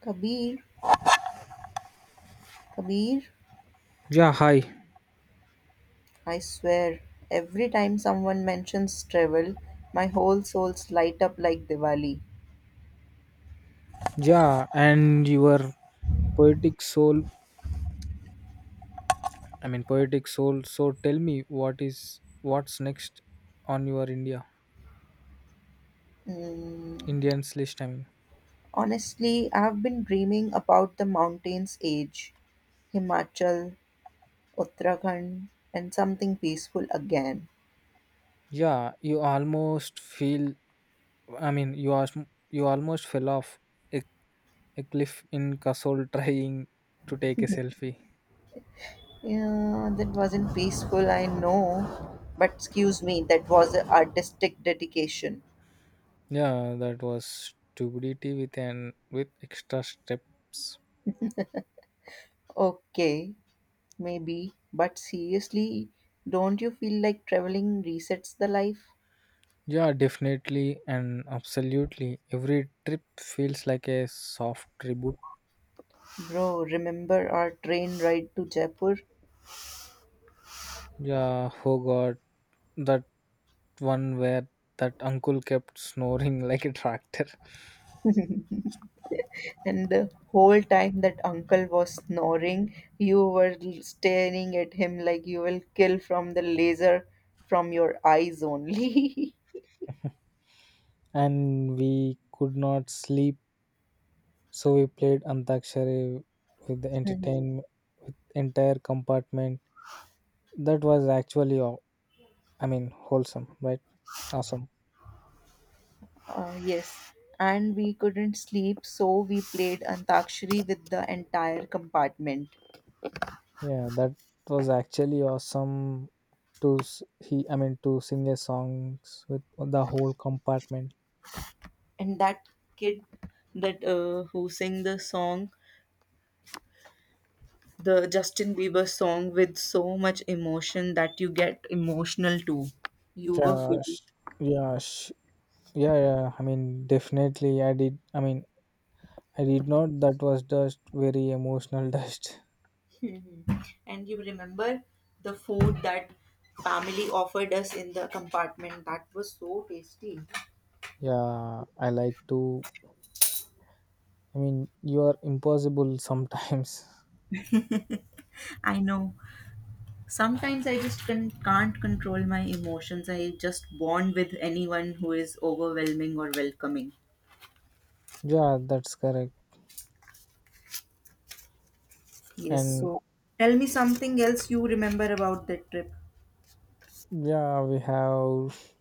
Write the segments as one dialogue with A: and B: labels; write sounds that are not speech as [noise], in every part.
A: Kabir, Kabir,
B: Yeah, hi.
A: I swear, every time someone mentions travel, my whole souls light up like Diwali.
B: Yeah, and your poetic soul, poetic soul. So tell me what's next on your
A: Mm,
B: Indians list, I mean.
A: Honestly, I've been dreaming about the mountains age, Himachal, Uttarakhand, and something peaceful again.
B: Yeah, you almost feel I mean, you almost fell off a, a cliff in Kasol [laughs] trying to take a selfie.
A: Yeah, that wasn't peaceful, I know. But excuse me, that was a artistic dedication.
B: Yeah, that was stupidity with extra steps.
A: Okay, maybe, but seriously, don't you feel like traveling resets the life?
B: Yeah, definitely and absolutely. Every trip feels like a soft tribute.
A: Bro, remember our train ride to Jaipur?
B: Yeah, oh god, that one where that uncle kept snoring [laughs] like a tractor.
A: And the whole time that uncle was snoring, you were staring at him like you will kill from the laser from your eyes only.
B: [laughs] And we could not sleep, so we played Antakshari with the
A: [laughs] Mhm.
B: entertainment with entire compartment. That was I mean, wholesome, right? Awesome.
A: Yes, and we couldn't sleep, so we played Antakshari with the entire compartment.
B: Yeah, that was actually awesome I mean, to sing a songs with the whole compartment.
A: And that kid that who sang the song the Justin Bieber song with so much emotion that you get emotional too. You were [laughs]
B: Yeah,
A: feeling.
B: sh- yeah, yeah, yeah. I mean, definitely. I did. I mean, I did not. That was just very emotional [laughs] dust.
A: Mhm. And you remember the food that family offered us in the compartment that was so tasty.
B: Yeah, I like to. I mean, you are impossible sometimes. [laughs]
A: I know. Sometimes I just can't control my emotions. I just bond with anyone who is overwhelming or welcoming.
B: Yeah, that's correct.
A: Yes,
B: And
A: so tell me something else you remember about that trip.
B: yeah, we have.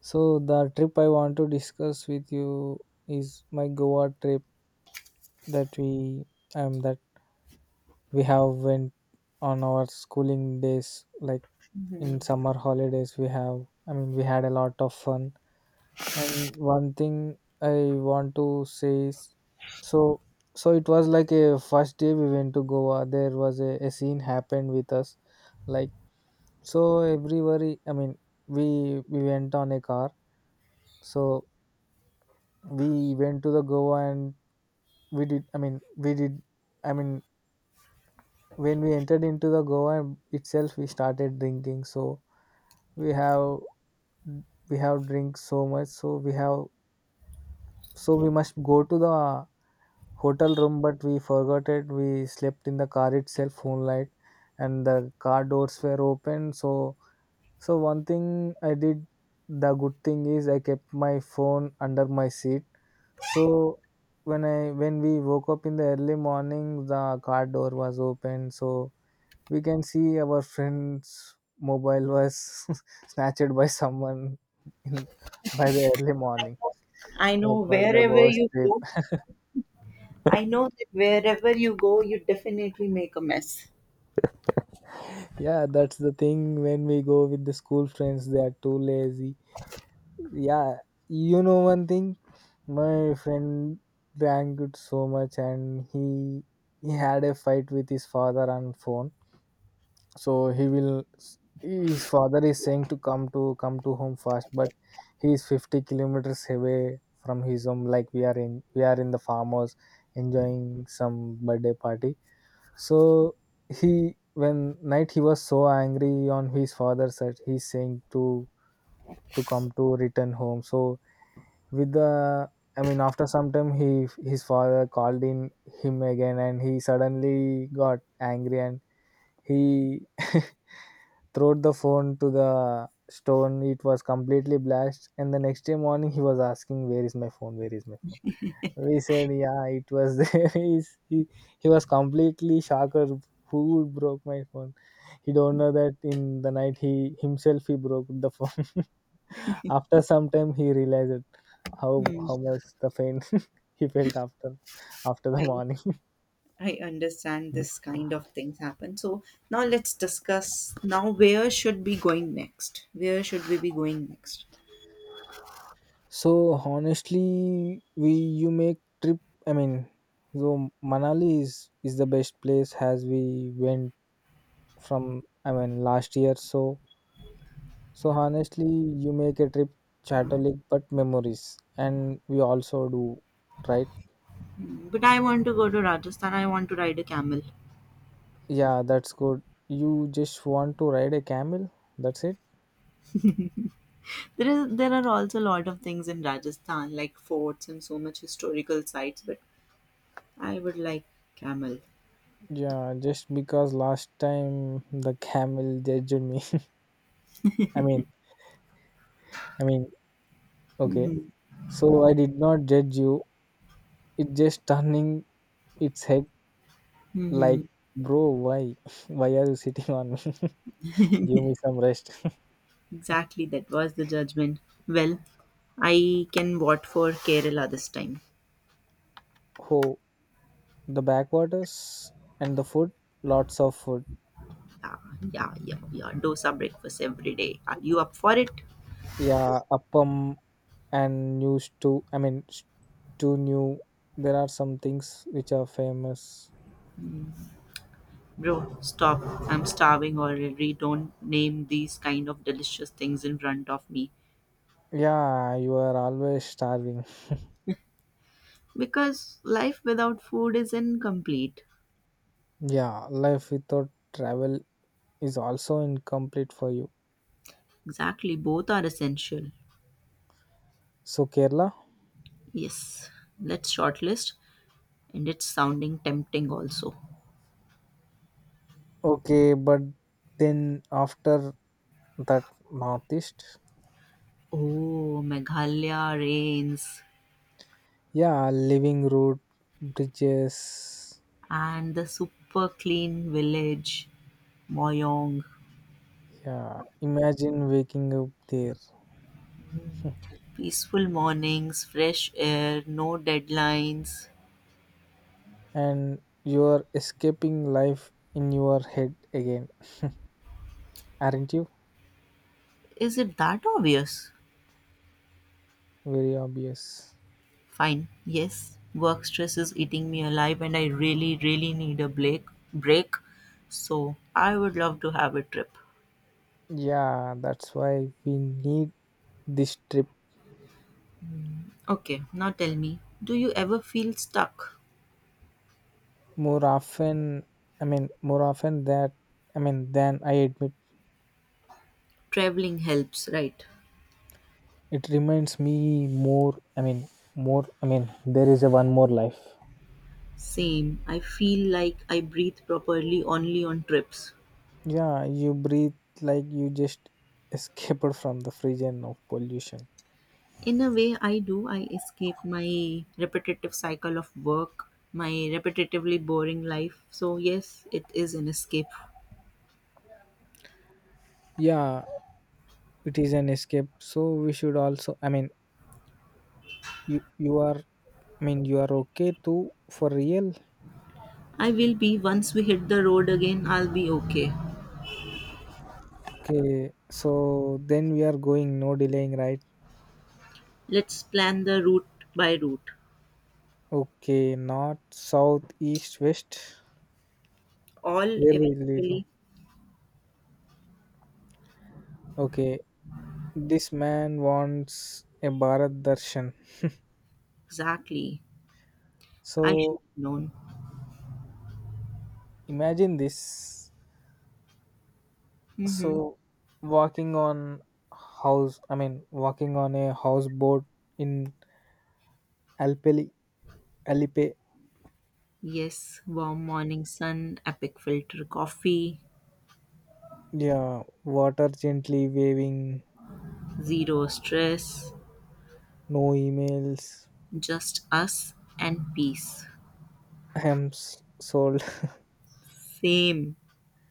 B: So the trip I want to discuss with you is my Goa trip that we that we have went on our schooling days. Like in summer holidays, we have. I mean, we had a lot of fun. And one thing I want to say is so so it was like a first day we went to Goa. There was a scene happened with us. Like so everybody I mean, we went on a car. So we went to the Goa and we did I mean, we did I mean, when we entered into the Goa itself we started drinking. So we have we have drinks so much, so we must go to the hotel room, but we forgot it. We slept in the car itself whole night, and the car doors were open. So, one thing I did, the good thing is I kept my phone under my seat. So when we woke up in the early morning, the car door was open. So we can see our friend's mobile was [laughs] snatched by someone in, by the early morning.
A: I
B: That
A: know
B: was the
A: wherever
B: worst
A: you
B: trip.
A: go,
B: [laughs]
A: I know that wherever you go, you definitely make a mess.
B: Yeah, that's the thing when we go with the school friends, they are too lazy. Yeah, you know one thing, my friend drank it so much and he had a fight with his father on phone. So he will His father is saying to come to home fast, but he is 50 kilometers away from his home, like we are in the farmhouse enjoying some birthday party. So he when night he was so angry on his father that he's saying to come to return home. So with the I mean, after some time, he his father called in him again and he suddenly got angry and he [laughs] throwed the phone to the stone. It was completely blasted. And the next day morning, he was asking, "Where is my phone? Where is my phone?" We said, "Yeah, it was there." [laughs] He was completely shocked. Who broke my phone? He don't know that in the night he himself he broke the phone. [laughs] After some time, he realized it, how
A: Hmm.
B: how much the pain [laughs] he felt after the
A: I,
B: morning.
A: I understand
B: [laughs]
A: this kind of things happen. So now let's discuss now where should we going next? Where should we be going next?
B: So honestly, we you make trip. I mean, so Manali is the best place as we went from. I mean, last year. So honestly, you make a trip Chatolik, but memories, and we also do, right?
A: Hmm, but I want to go to Rajasthan. I want to ride a camel.
B: Yeah, that's good. You just want to ride a camel. That's it.
A: There is there are also a lot of things in Rajasthan like forts and so much historical sites. But I would like camel.
B: Yeah, just because last time the camel judged me. [laughs] I mean, I mean, okay.
A: Hmm.
B: So I did not judge you. It just turning It's heck like,
A: Hmm.
B: bro, why? [laughs] Why are you sitting on me? [laughs] Give me some rest.
A: Exactly, that was the judgment. Well, I can vote for Kerala this time.
B: [laughs] Oh, the backwaters and the food, lots of food.
A: Yeah, yeah, yeah, yeah. Dosa breakfast every day. Are you up for it?
B: Yeah, appam and new stew. I mean, stew new. There are some things which are famous.
A: Bro, stop. I'm starving already. Don't name these kind of delicious things in front of me.
B: Yeah, you are always starving. [laughs]
A: Because life without food is incomplete.
B: Yeah, life without travel is also incomplete for you.
A: Exactly, both are essential.
B: So, Kerala?
A: Yes, let's shortlist. And it's sounding tempting also.
B: Okay, but then after that, Northeast?
A: Oh, Meghalaya rains
B: Yeah, living road bridges.
A: and the super clean village, Moyong.
B: Yeah, imagine waking up there
A: Peaceful mornings, fresh air, no deadlines.
B: and you're escaping life in your head again, aren't you?
A: Is it that obvious?
B: Very obvious.
A: Fine, yes. Work stress is eating me alive and I really, really need a break. So I would love to have a trip.
B: Yeah, that's why we need this trip
A: Okay, now tell me, do you ever feel stuck?
B: more often. I mean, more often that I mean, than I admit.
A: Traveling helps, right?
B: It reminds me more. I mean, more. I mean, there is a one more life.
A: Same. I feel like I breathe properly only on trips.
B: Yeah, you breathe like you just escaped from the prison of pollution.
A: In a way, I do. I escape my repetitive cycle of work, my repetitively boring life. So, yes, it is an escape.
B: Yeah, it is an escape. So we should also. I mean, you are. I mean, you are okay too for real.
A: I will be, once we hit the road again, I'll be okay.
B: Okay, so then we are going no delaying, right?
A: Let's plan the route by route.
B: Okay, north, south, east, west.
A: All
B: Where will we
A: eventually,
B: go? Okay, this man wants a Bharat Darshan.
A: exactly. I should
B: So
A: have known.
B: imagine this.
A: Mm-hmm.
B: So walking on I mean, walking on a houseboat in Alpeli, Alipe,
A: Yes, warm morning sun, epic filter coffee,
B: yeah, water gently waving,
A: zero stress,
B: no emails,
A: just us and peace.
B: hem's sold,
A: Same.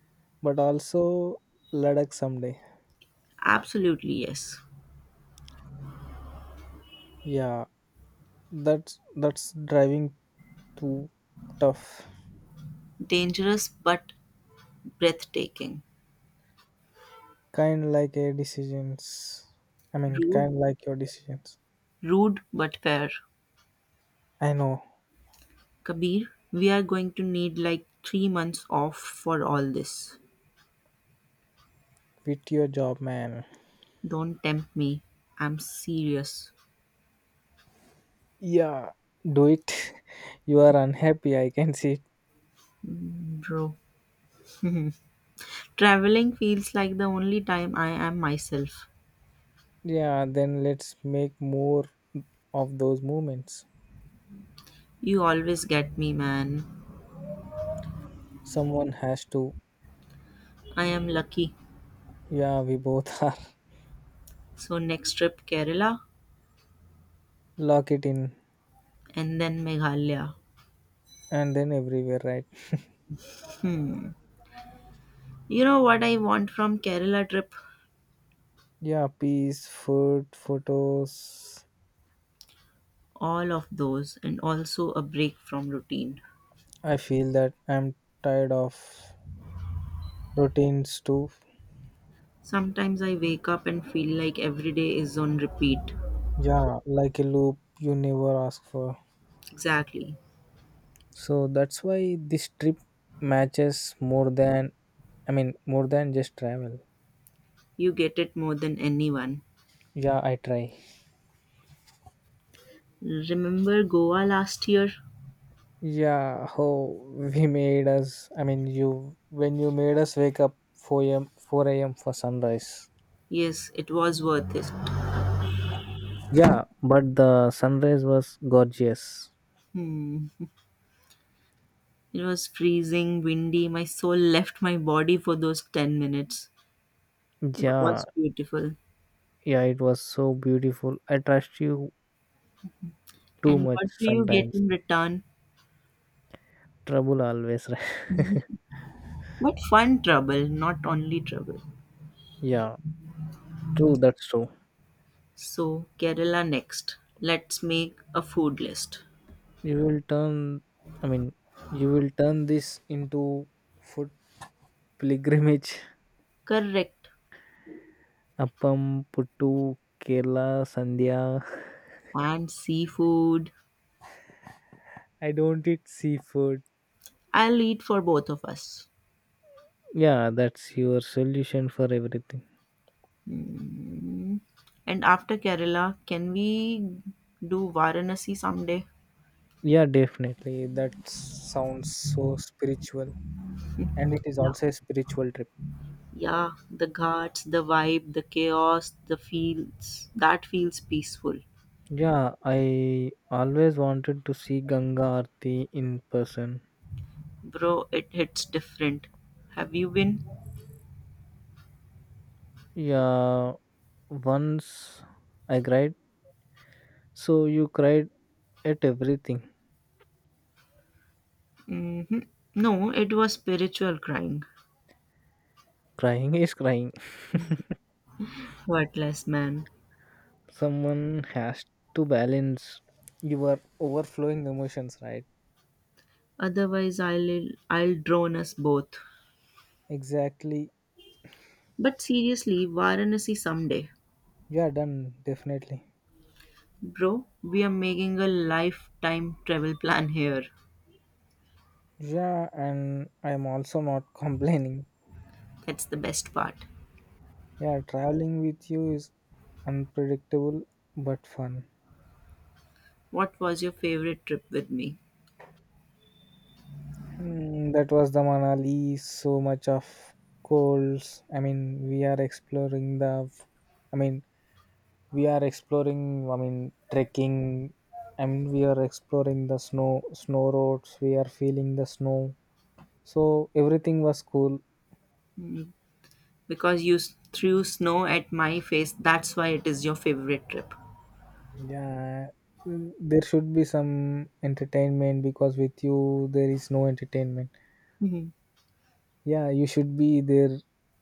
B: [laughs] but also Ladakh someday.
A: Absolutely, yes.
B: Yeah, that's driving too tough.
A: Dangerous but breathtaking.
B: Kind like a decisions. I mean, kind
A: Rude,
B: like your decisions.
A: Rude but fair.
B: I know.
A: Kabir, we are going to need like 3 months off for all this.
B: Quit your job, man.
A: Don't tempt me. I'm serious.
B: Yeah, do it. [laughs] You are unhappy, I can see it.
A: Mm, bro. [laughs] Mhm. Traveling feels like the only time I am myself.
B: Yeah, then let's make more of those moments.
A: You always get me, man.
B: Someone has to.
A: I am lucky.
B: Yeah, we both [laughs] are.
A: So, next trip, Kerala
B: Lock it in,
A: and then Meghalaya.
B: and then everywhere, right?
A: Hmm. You know what I want from Kerala trip?
B: Yeah, peace, food, photos.
A: All of those and also a break from routine.
B: I feel that I'm tired of routines too.
A: Sometimes I wake up and feel like every day is on repeat.
B: Yeah, like a loop you never ask for.
A: Exactly.
B: So that's why this trip matches more than, I mean, more than just travel.
A: You get it more than anyone.
B: Yeah, I try.
A: Remember Goa last year?
B: Yeah, how we made us. I mean, you when you made us wake up 4 a.m. 4 a.m. for sunrise.
A: Yes, it was worth it.
B: Yeah, but the sunrise was gorgeous.
A: Hmm. It was freezing, windy. My soul left my body for those 10 minutes. It
B: Yeah,
A: was beautiful.
B: yeah, it was so beautiful. I trust you too
A: And
B: much
A: what do you get
B: sometimes.
A: in return?
B: Trouble always, [laughs] right?
A: But fun trouble, not only trouble.
B: Yeah, true, that's true.
A: So, Kerala next. Let's make a food list.
B: You will turn, I mean, you will turn this into food pilgrimage.
A: Correct.
B: [laughs] Appam, puttu, Kerala, Sandhya.
A: And seafood.
B: [laughs] I don't eat seafood.
A: I'll eat for both of us.
B: Yeah, that's your solution for everything.
A: Mm. And after Kerala, can we do Varanasi someday?
B: Yeah, definitely. That sounds so spiritual. And it is
A: [laughs] Yeah.
B: also a spiritual trip.
A: Yeah, the ghats, the vibe, the chaos, the feels. That feels peaceful.
B: Yeah, I always wanted to see Ganga Aarti in person.
A: Bro, it hits different. Have you been?
B: Yeah, once I cried. So you cried at everything.
A: Hmm. No, it was spiritual crying.
B: Crying is crying. [laughs]
A: Worthless man.
B: Someone has to balance your overflowing emotions, right?
A: Otherwise, I'll drone us both.
B: Exactly.
A: But seriously, Varanasi someday.
B: Yeah, done. Definitely.
A: Bro, we are making a lifetime travel plan here.
B: Yeah, and I'm also not [laughs] complaining.
A: That's the best part.
B: Yeah, traveling with you is unpredictable but fun.
A: What was your favorite trip with me?
B: Hmm, that was the Manali. So much of colds. I mean, we are exploring the. I mean, we are exploring. I mean, trekking. I mean, we are exploring the snow roads. We are feeling the snow. So everything was cool.
A: Mm, because you threw snow at my face, that's why it is your favorite trip.
B: Yeah, there should be some entertainment because with you there is no entertainment.
A: Mhm.
B: Yeah, you should be there.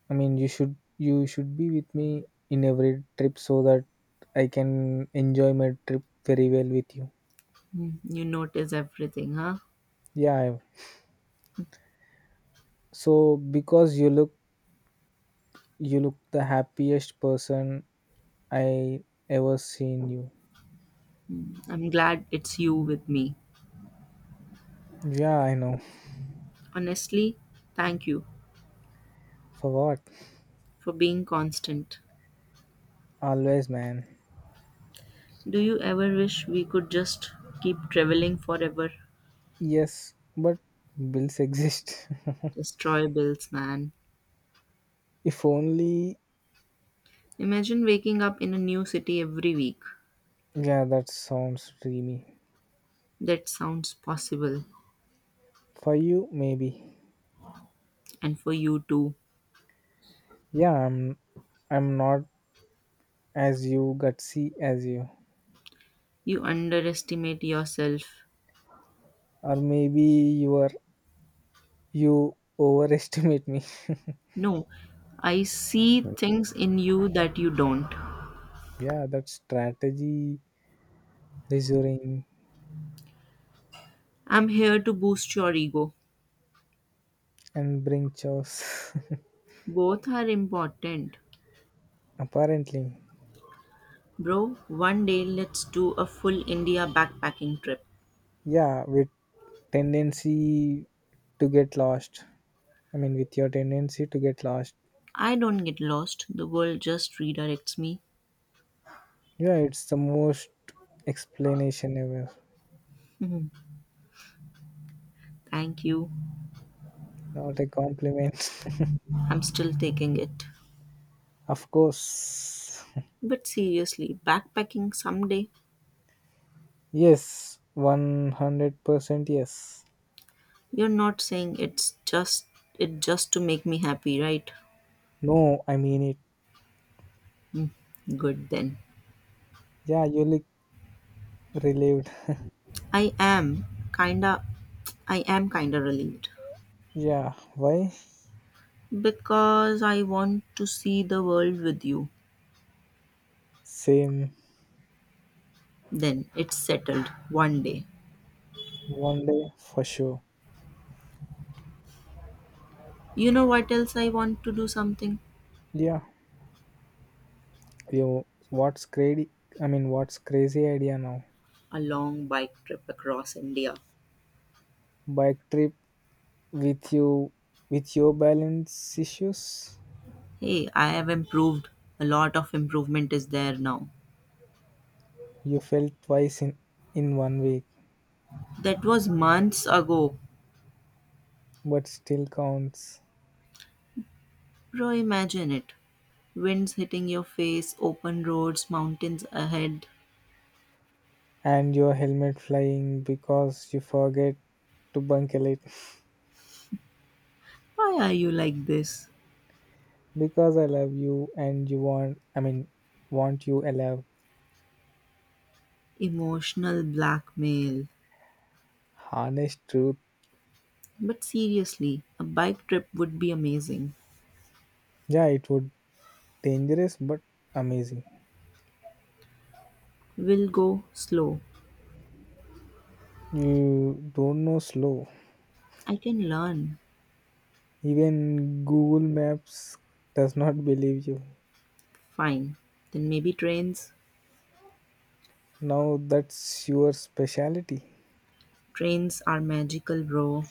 B: I mean, you should be with me in every trip so that I can enjoy my trip very well with you.
A: Mm, you notice everything, huh?
B: Yeah, so because you look the happiest person I ever seen you.
A: Mm, I'm glad it's you with me.
B: Yeah, I know. [laughs]
A: Honestly, thank you
B: For what?
A: for being constant.
B: Always, man.
A: Do you ever wish we could just keep traveling forever?
B: Yes, but bills exist.
A: Destroy bills, man.
B: [laughs] If only.
A: Imagine waking up in a new city every week.
B: Yeah, that sounds dreamy.
A: That sounds possible.
B: For you, maybe.
A: And for you too.
B: Yeah, I'm not as you gutsy as you.
A: You underestimate yourself.
B: Or maybe you overestimate me.
A: No, I see
B: [laughs]
A: things in you that you don't.
B: Yeah, that strategy reassuring
A: I'm here to boost your ego.
B: and bring chaos.
A: Both are important.
B: [laughs] Apparently.
A: Bro, one day let's do a full India backpacking trip.
B: Yeah, with tendency to get lost. I mean, with your tendency to get lost.
A: I don't get lost, the world just redirects me.
B: Yeah, it's the most explanation ever.
A: Mhm. Thank you.
B: Not a compliment. [laughs]
A: I'm still taking it.
B: Of course.
A: But seriously, backpacking someday,
B: Yes, 100% yes.
A: you're not saying it just to make me happy, right?
B: No, I mean it.
A: Mm, good then.
B: Yeah, you look relieved.
A: I am kinda I am kinda relieved
B: Yeah, why?
A: because I want to see the world with you.
B: Same
A: Then it's settled one day.
B: one day for sure.
A: You know what else I want to do something?
B: Yeah, you what's crazy? I mean, what's crazy idea now?
A: A long bike trip across India.
B: Bike trip with you with your balance issues?
A: Hey, I have improved. A lot of improvement is there now.
B: You fell twice in one week,
A: That was months ago.
B: but still counts.
A: Bro, imagine it. Winds hitting your face, open roads, mountains ahead.
B: And your helmet flying because you forget to buckle it.
A: Why are you like this?
B: Because I love you and you want I mean, want you alive.
A: Emotional blackmail.
B: Honest truth.
A: But seriously, a bike trip would be amazing.
B: Yeah, it would dangerous but amazing.
A: We'll go slow.
B: You don't know slow.
A: I can learn.
B: Even Google Maps does not believe you.
A: Fine. Then maybe trains.
B: Now that's your specialty.
A: Trains are magical, bro.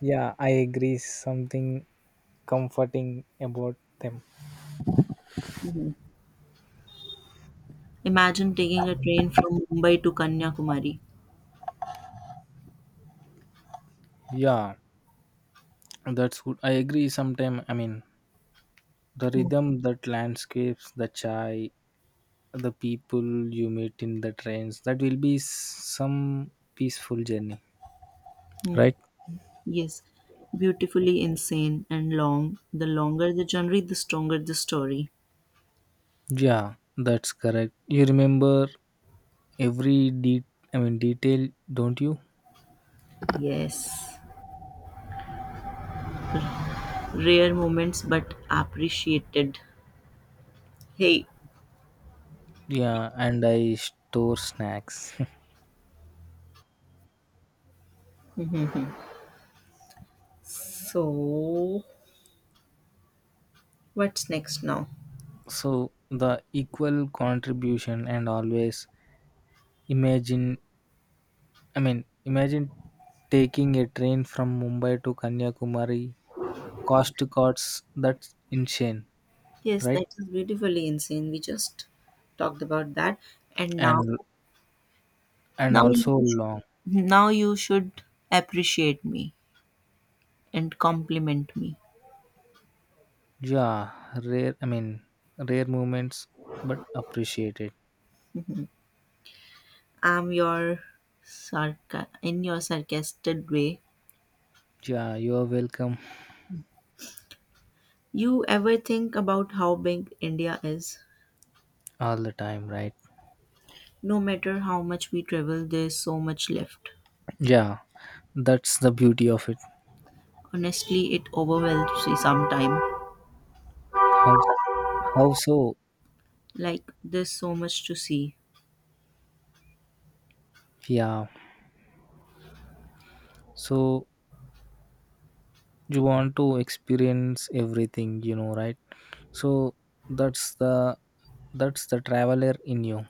B: Yeah, I agree. Something comforting about them.
A: Mhm. Imagine taking a train from Mumbai to Kanyakumari.
B: Yeah, that's good. I agree. Sometime I mean, the rhythm, that landscapes, the chai, the people you meet in the trains that will be some peaceful journey,
A: Mm-hmm.
B: right?
A: Yes, beautifully insane and long. The longer the journey, the stronger the story.
B: Yeah, that's correct. You remember every I mean, detail, don't you?
A: Yes, rare moments but appreciated. Hey,
B: Yeah, and I store snacks. [laughs]
A: Mhm. So what's next now?
B: So the equal contribution and always imagine I mean, imagine taking a train from Mumbai to Kanyakumari, cost to cuts, that's insane,
A: Yes,
B: right?
A: that is beautifully insane. We just talked about that, and now,
B: And and
A: now
B: also
A: you, sh-
B: long.
A: now you should appreciate me and compliment me.
B: Yeah, rare. I mean, rare moments, but appreciate it.
A: I'm your sarca in your sarcastic way.
B: Yeah, you are welcome
A: You ever think about how big India is?
B: all the time, right?
A: No matter how much we travel, there's so much left.
B: Yeah, that's the beauty of it.
A: Honestly, it overwhelms me sometimes.
B: How how so?
A: Like there's so much to see.
B: Yeah, so you want to experience everything, you know, right? So that's the that's the traveler in you.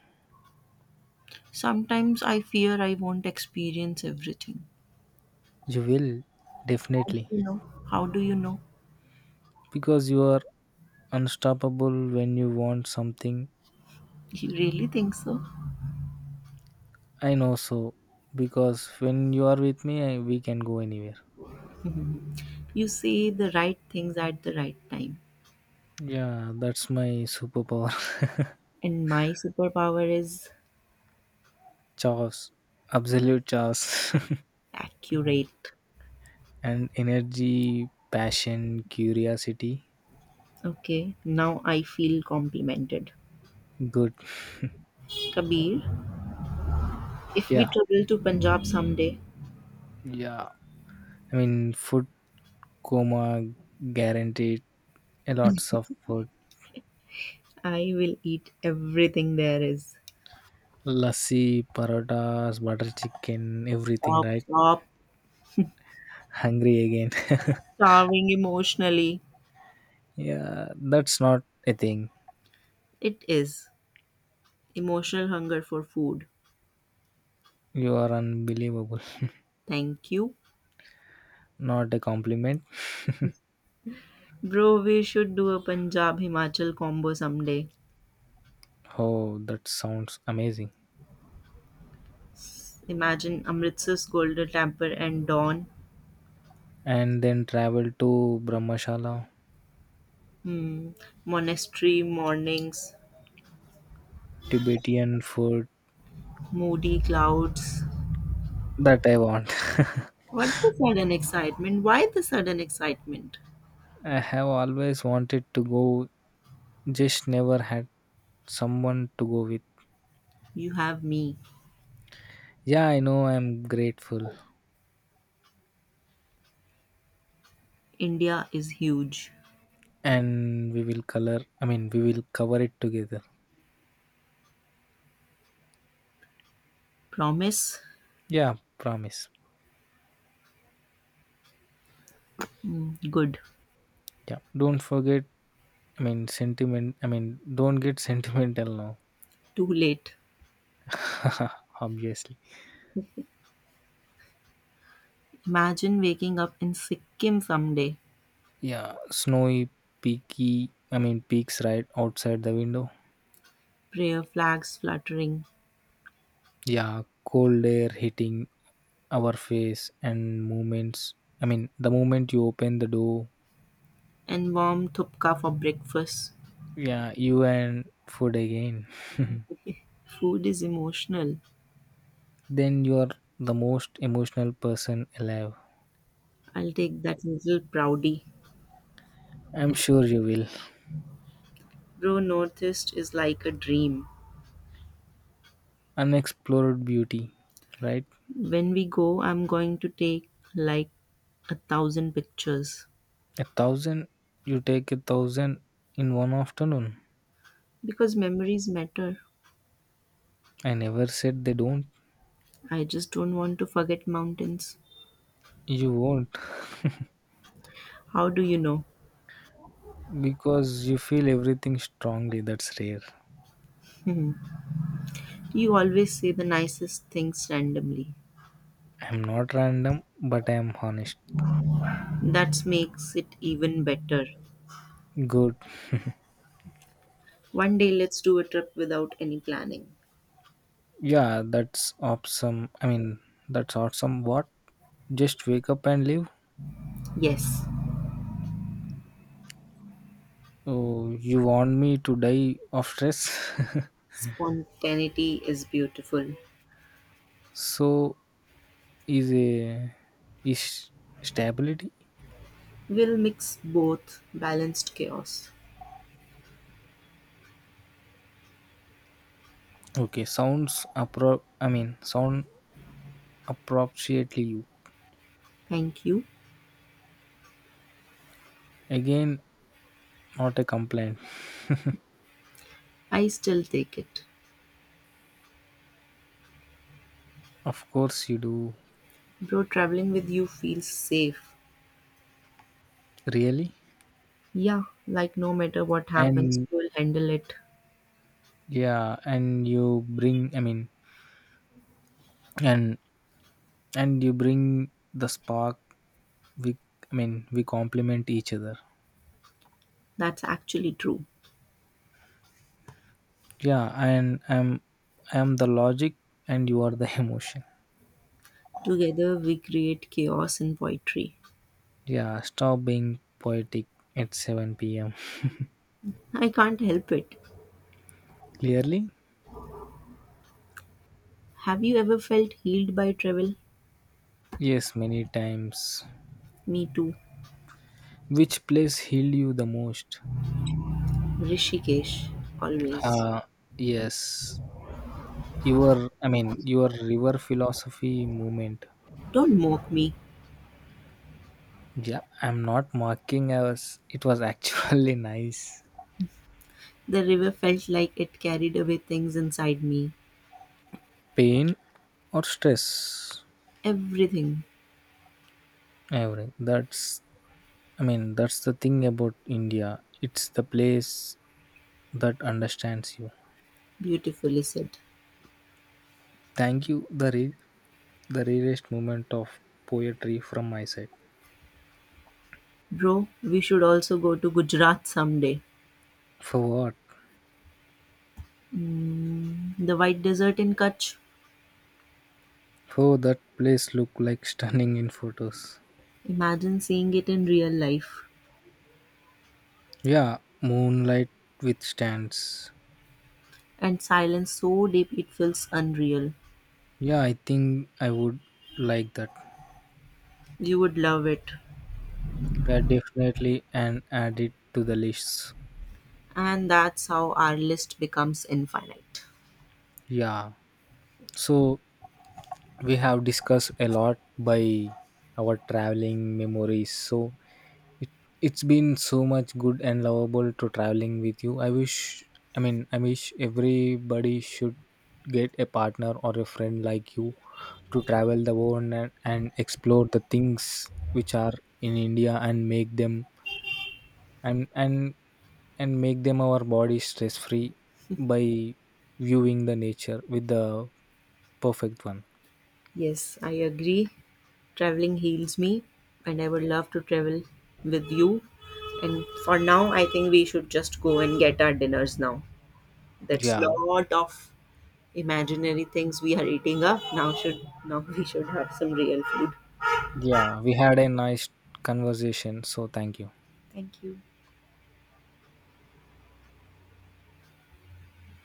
A: Sometimes I fear I won't experience everything.
B: You will
A: How
B: definitely
A: do you know? How do you know?
B: because you are unstoppable when you want something.
A: You really think so?
B: I know so because when you are with me, we can go anywhere.
A: You say the right things at the right time.
B: Yeah, that's my superpower. [laughs]
A: And my superpower is
B: Chaos. Absolute chaos. [laughs]
A: accurate.
B: And energy, passion, curiosity.
A: Okay, now I feel complimented.
B: Good.
A: Kabir, if we
B: Yeah.
A: travel to Punjab someday,
B: Yeah. I mean, food coma guaranteed. A lots of food.
A: I will eat everything there is.
B: Lassi, parotas, butter chicken, everything,
A: Stop,
B: right?
A: stop
B: Hungry again.
A: starving emotionally.
B: [laughs] Yeah, that's not a thing.
A: It is emotional hunger for food.
B: You are unbelievable.
A: Thank you.
B: Not a compliment.
A: Bro, we should do a Punjab Himachal combo someday.
B: Oh, that sounds amazing.
A: Imagine Amritsar's Golden Temple and dawn,
B: And then travel to Brahmshala,
A: hmm, monastery mornings,
B: Tibetan food
A: moody clouds.
B: that I want.
A: What the sudden excitement? Why the sudden excitement?
B: [laughs] I have always wanted to go, just never had someone to go with.
A: You have me.
B: Yeah, I know, I'm grateful.
A: India is huge.
B: And we will color I mean, we will cover it together.
A: Promise?
B: Yeah, promise.
A: Hmm, good.
B: Yeah. Don't forget I mean, sentiment I mean, don't get sentimental now.
A: Too late.
B: [laughs] Obviously.
A: Imagine waking up in Sikkim someday,
B: Yeah. Snowy peaky I mean, peaks right outside the window.
A: prayer flags fluttering,
B: Yeah, cold air hitting our face and moments I mean, the moment you open the door.
A: and warm thupka for breakfast.
B: Yeah, you and food again.
A: [laughs] Food is emotional.
B: [laughs] Then you are the most emotional person alive.
A: I'll take that little Proudy.
B: I'm sure you will.
A: Bro, Northeast is like a dream.
B: Unexplored beauty, right?
A: When we go, I'm going to take like 1,000 pictures
B: A thousand. You take a thousand in one afternoon.
A: because memories matter.
B: I never said they don't.
A: I just don't want to forget mountains.
B: You won't.
A: How do you know?
B: Because you feel everything strongly, that's rare.
A: Hmm. You always say the nicest things randomly.
B: I'm not random, but I am honest.
A: That makes it even better.
B: Good.
A: One day, let's do a trip without any planning.
B: Yeah, that's awesome. I mean, that's awesome. What? Just wake up and live.
A: Yes,
B: Oh, you want me to die of stress? [laughs]
A: spontaneity is beautiful.
B: So is a is stability?
A: We'll mix both balanced chaos.
B: Okay, sounds appro. I mean, sound appropriately. You
A: Thank you.
B: again, not a complaint.
A: I still take it.
B: Of course, you do.
A: Bro, traveling with you feels safe.
B: Really?
A: Yeah, like no matter what happens,
B: And
A: we'll handle it.
B: yeah, and you bring. I mean, and and you bring the spark. We I mean, we complement each other.
A: That's actually true.
B: Yeah, and I'm the logic and you are the [laughs] emotion.
A: Together, we create chaos in poetry.
B: Yeah, stop being poetic at 7 p.m.
A: I can't help it.
B: Clearly.
A: Have you ever felt healed by travel?
B: Yes, many times.
A: Me too.
B: Which place healed you the most?
A: Rishikesh, always.
B: uh yes, your I mean, your river philosophy movement.
A: Don't mock me.
B: Yeah, I'm not mocking us. It was actually [laughs] nice.
A: The river felt like it carried away things inside me.
B: Pain or stress.
A: Everything
B: Everything. That's I mean, that's the thing about India. It's the place that understands you.
A: beautifully said.
B: Thank you, the rarest moment of poetry from my side.
A: Bro, we should also go to Gujarat someday.
B: For what?
A: The White Desert in Kutch,
B: For that place look like stunning in photos.
A: imagine seeing it in real life
B: Yeah, moonlight with stands.
A: and silence so deep it feels unreal.
B: Yeah, I think I would like that.
A: You would love it.
B: Yeah, definitely and add it to the list.
A: And that's how our list becomes infinite.
B: Yeah. So we have discussed a lot by our traveling memories, so it, it's been so much good and lovable to traveling with you. I mean, I wish everybody should get a partner or a friend like you to travel the world, and explore the things which are in India and and and make them our body stress free by viewing the nature with the perfect one.
A: Yes, I agree. Traveling heals me, and I would love to travel with you. And for now, I think we should just go and get our dinners now. That's
B: Yeah.
A: lot of imaginary things we are eating up. Now should now [laughs] we should have some real food.
B: Yeah, we had a nice conversation. So thank you.
A: Thank you.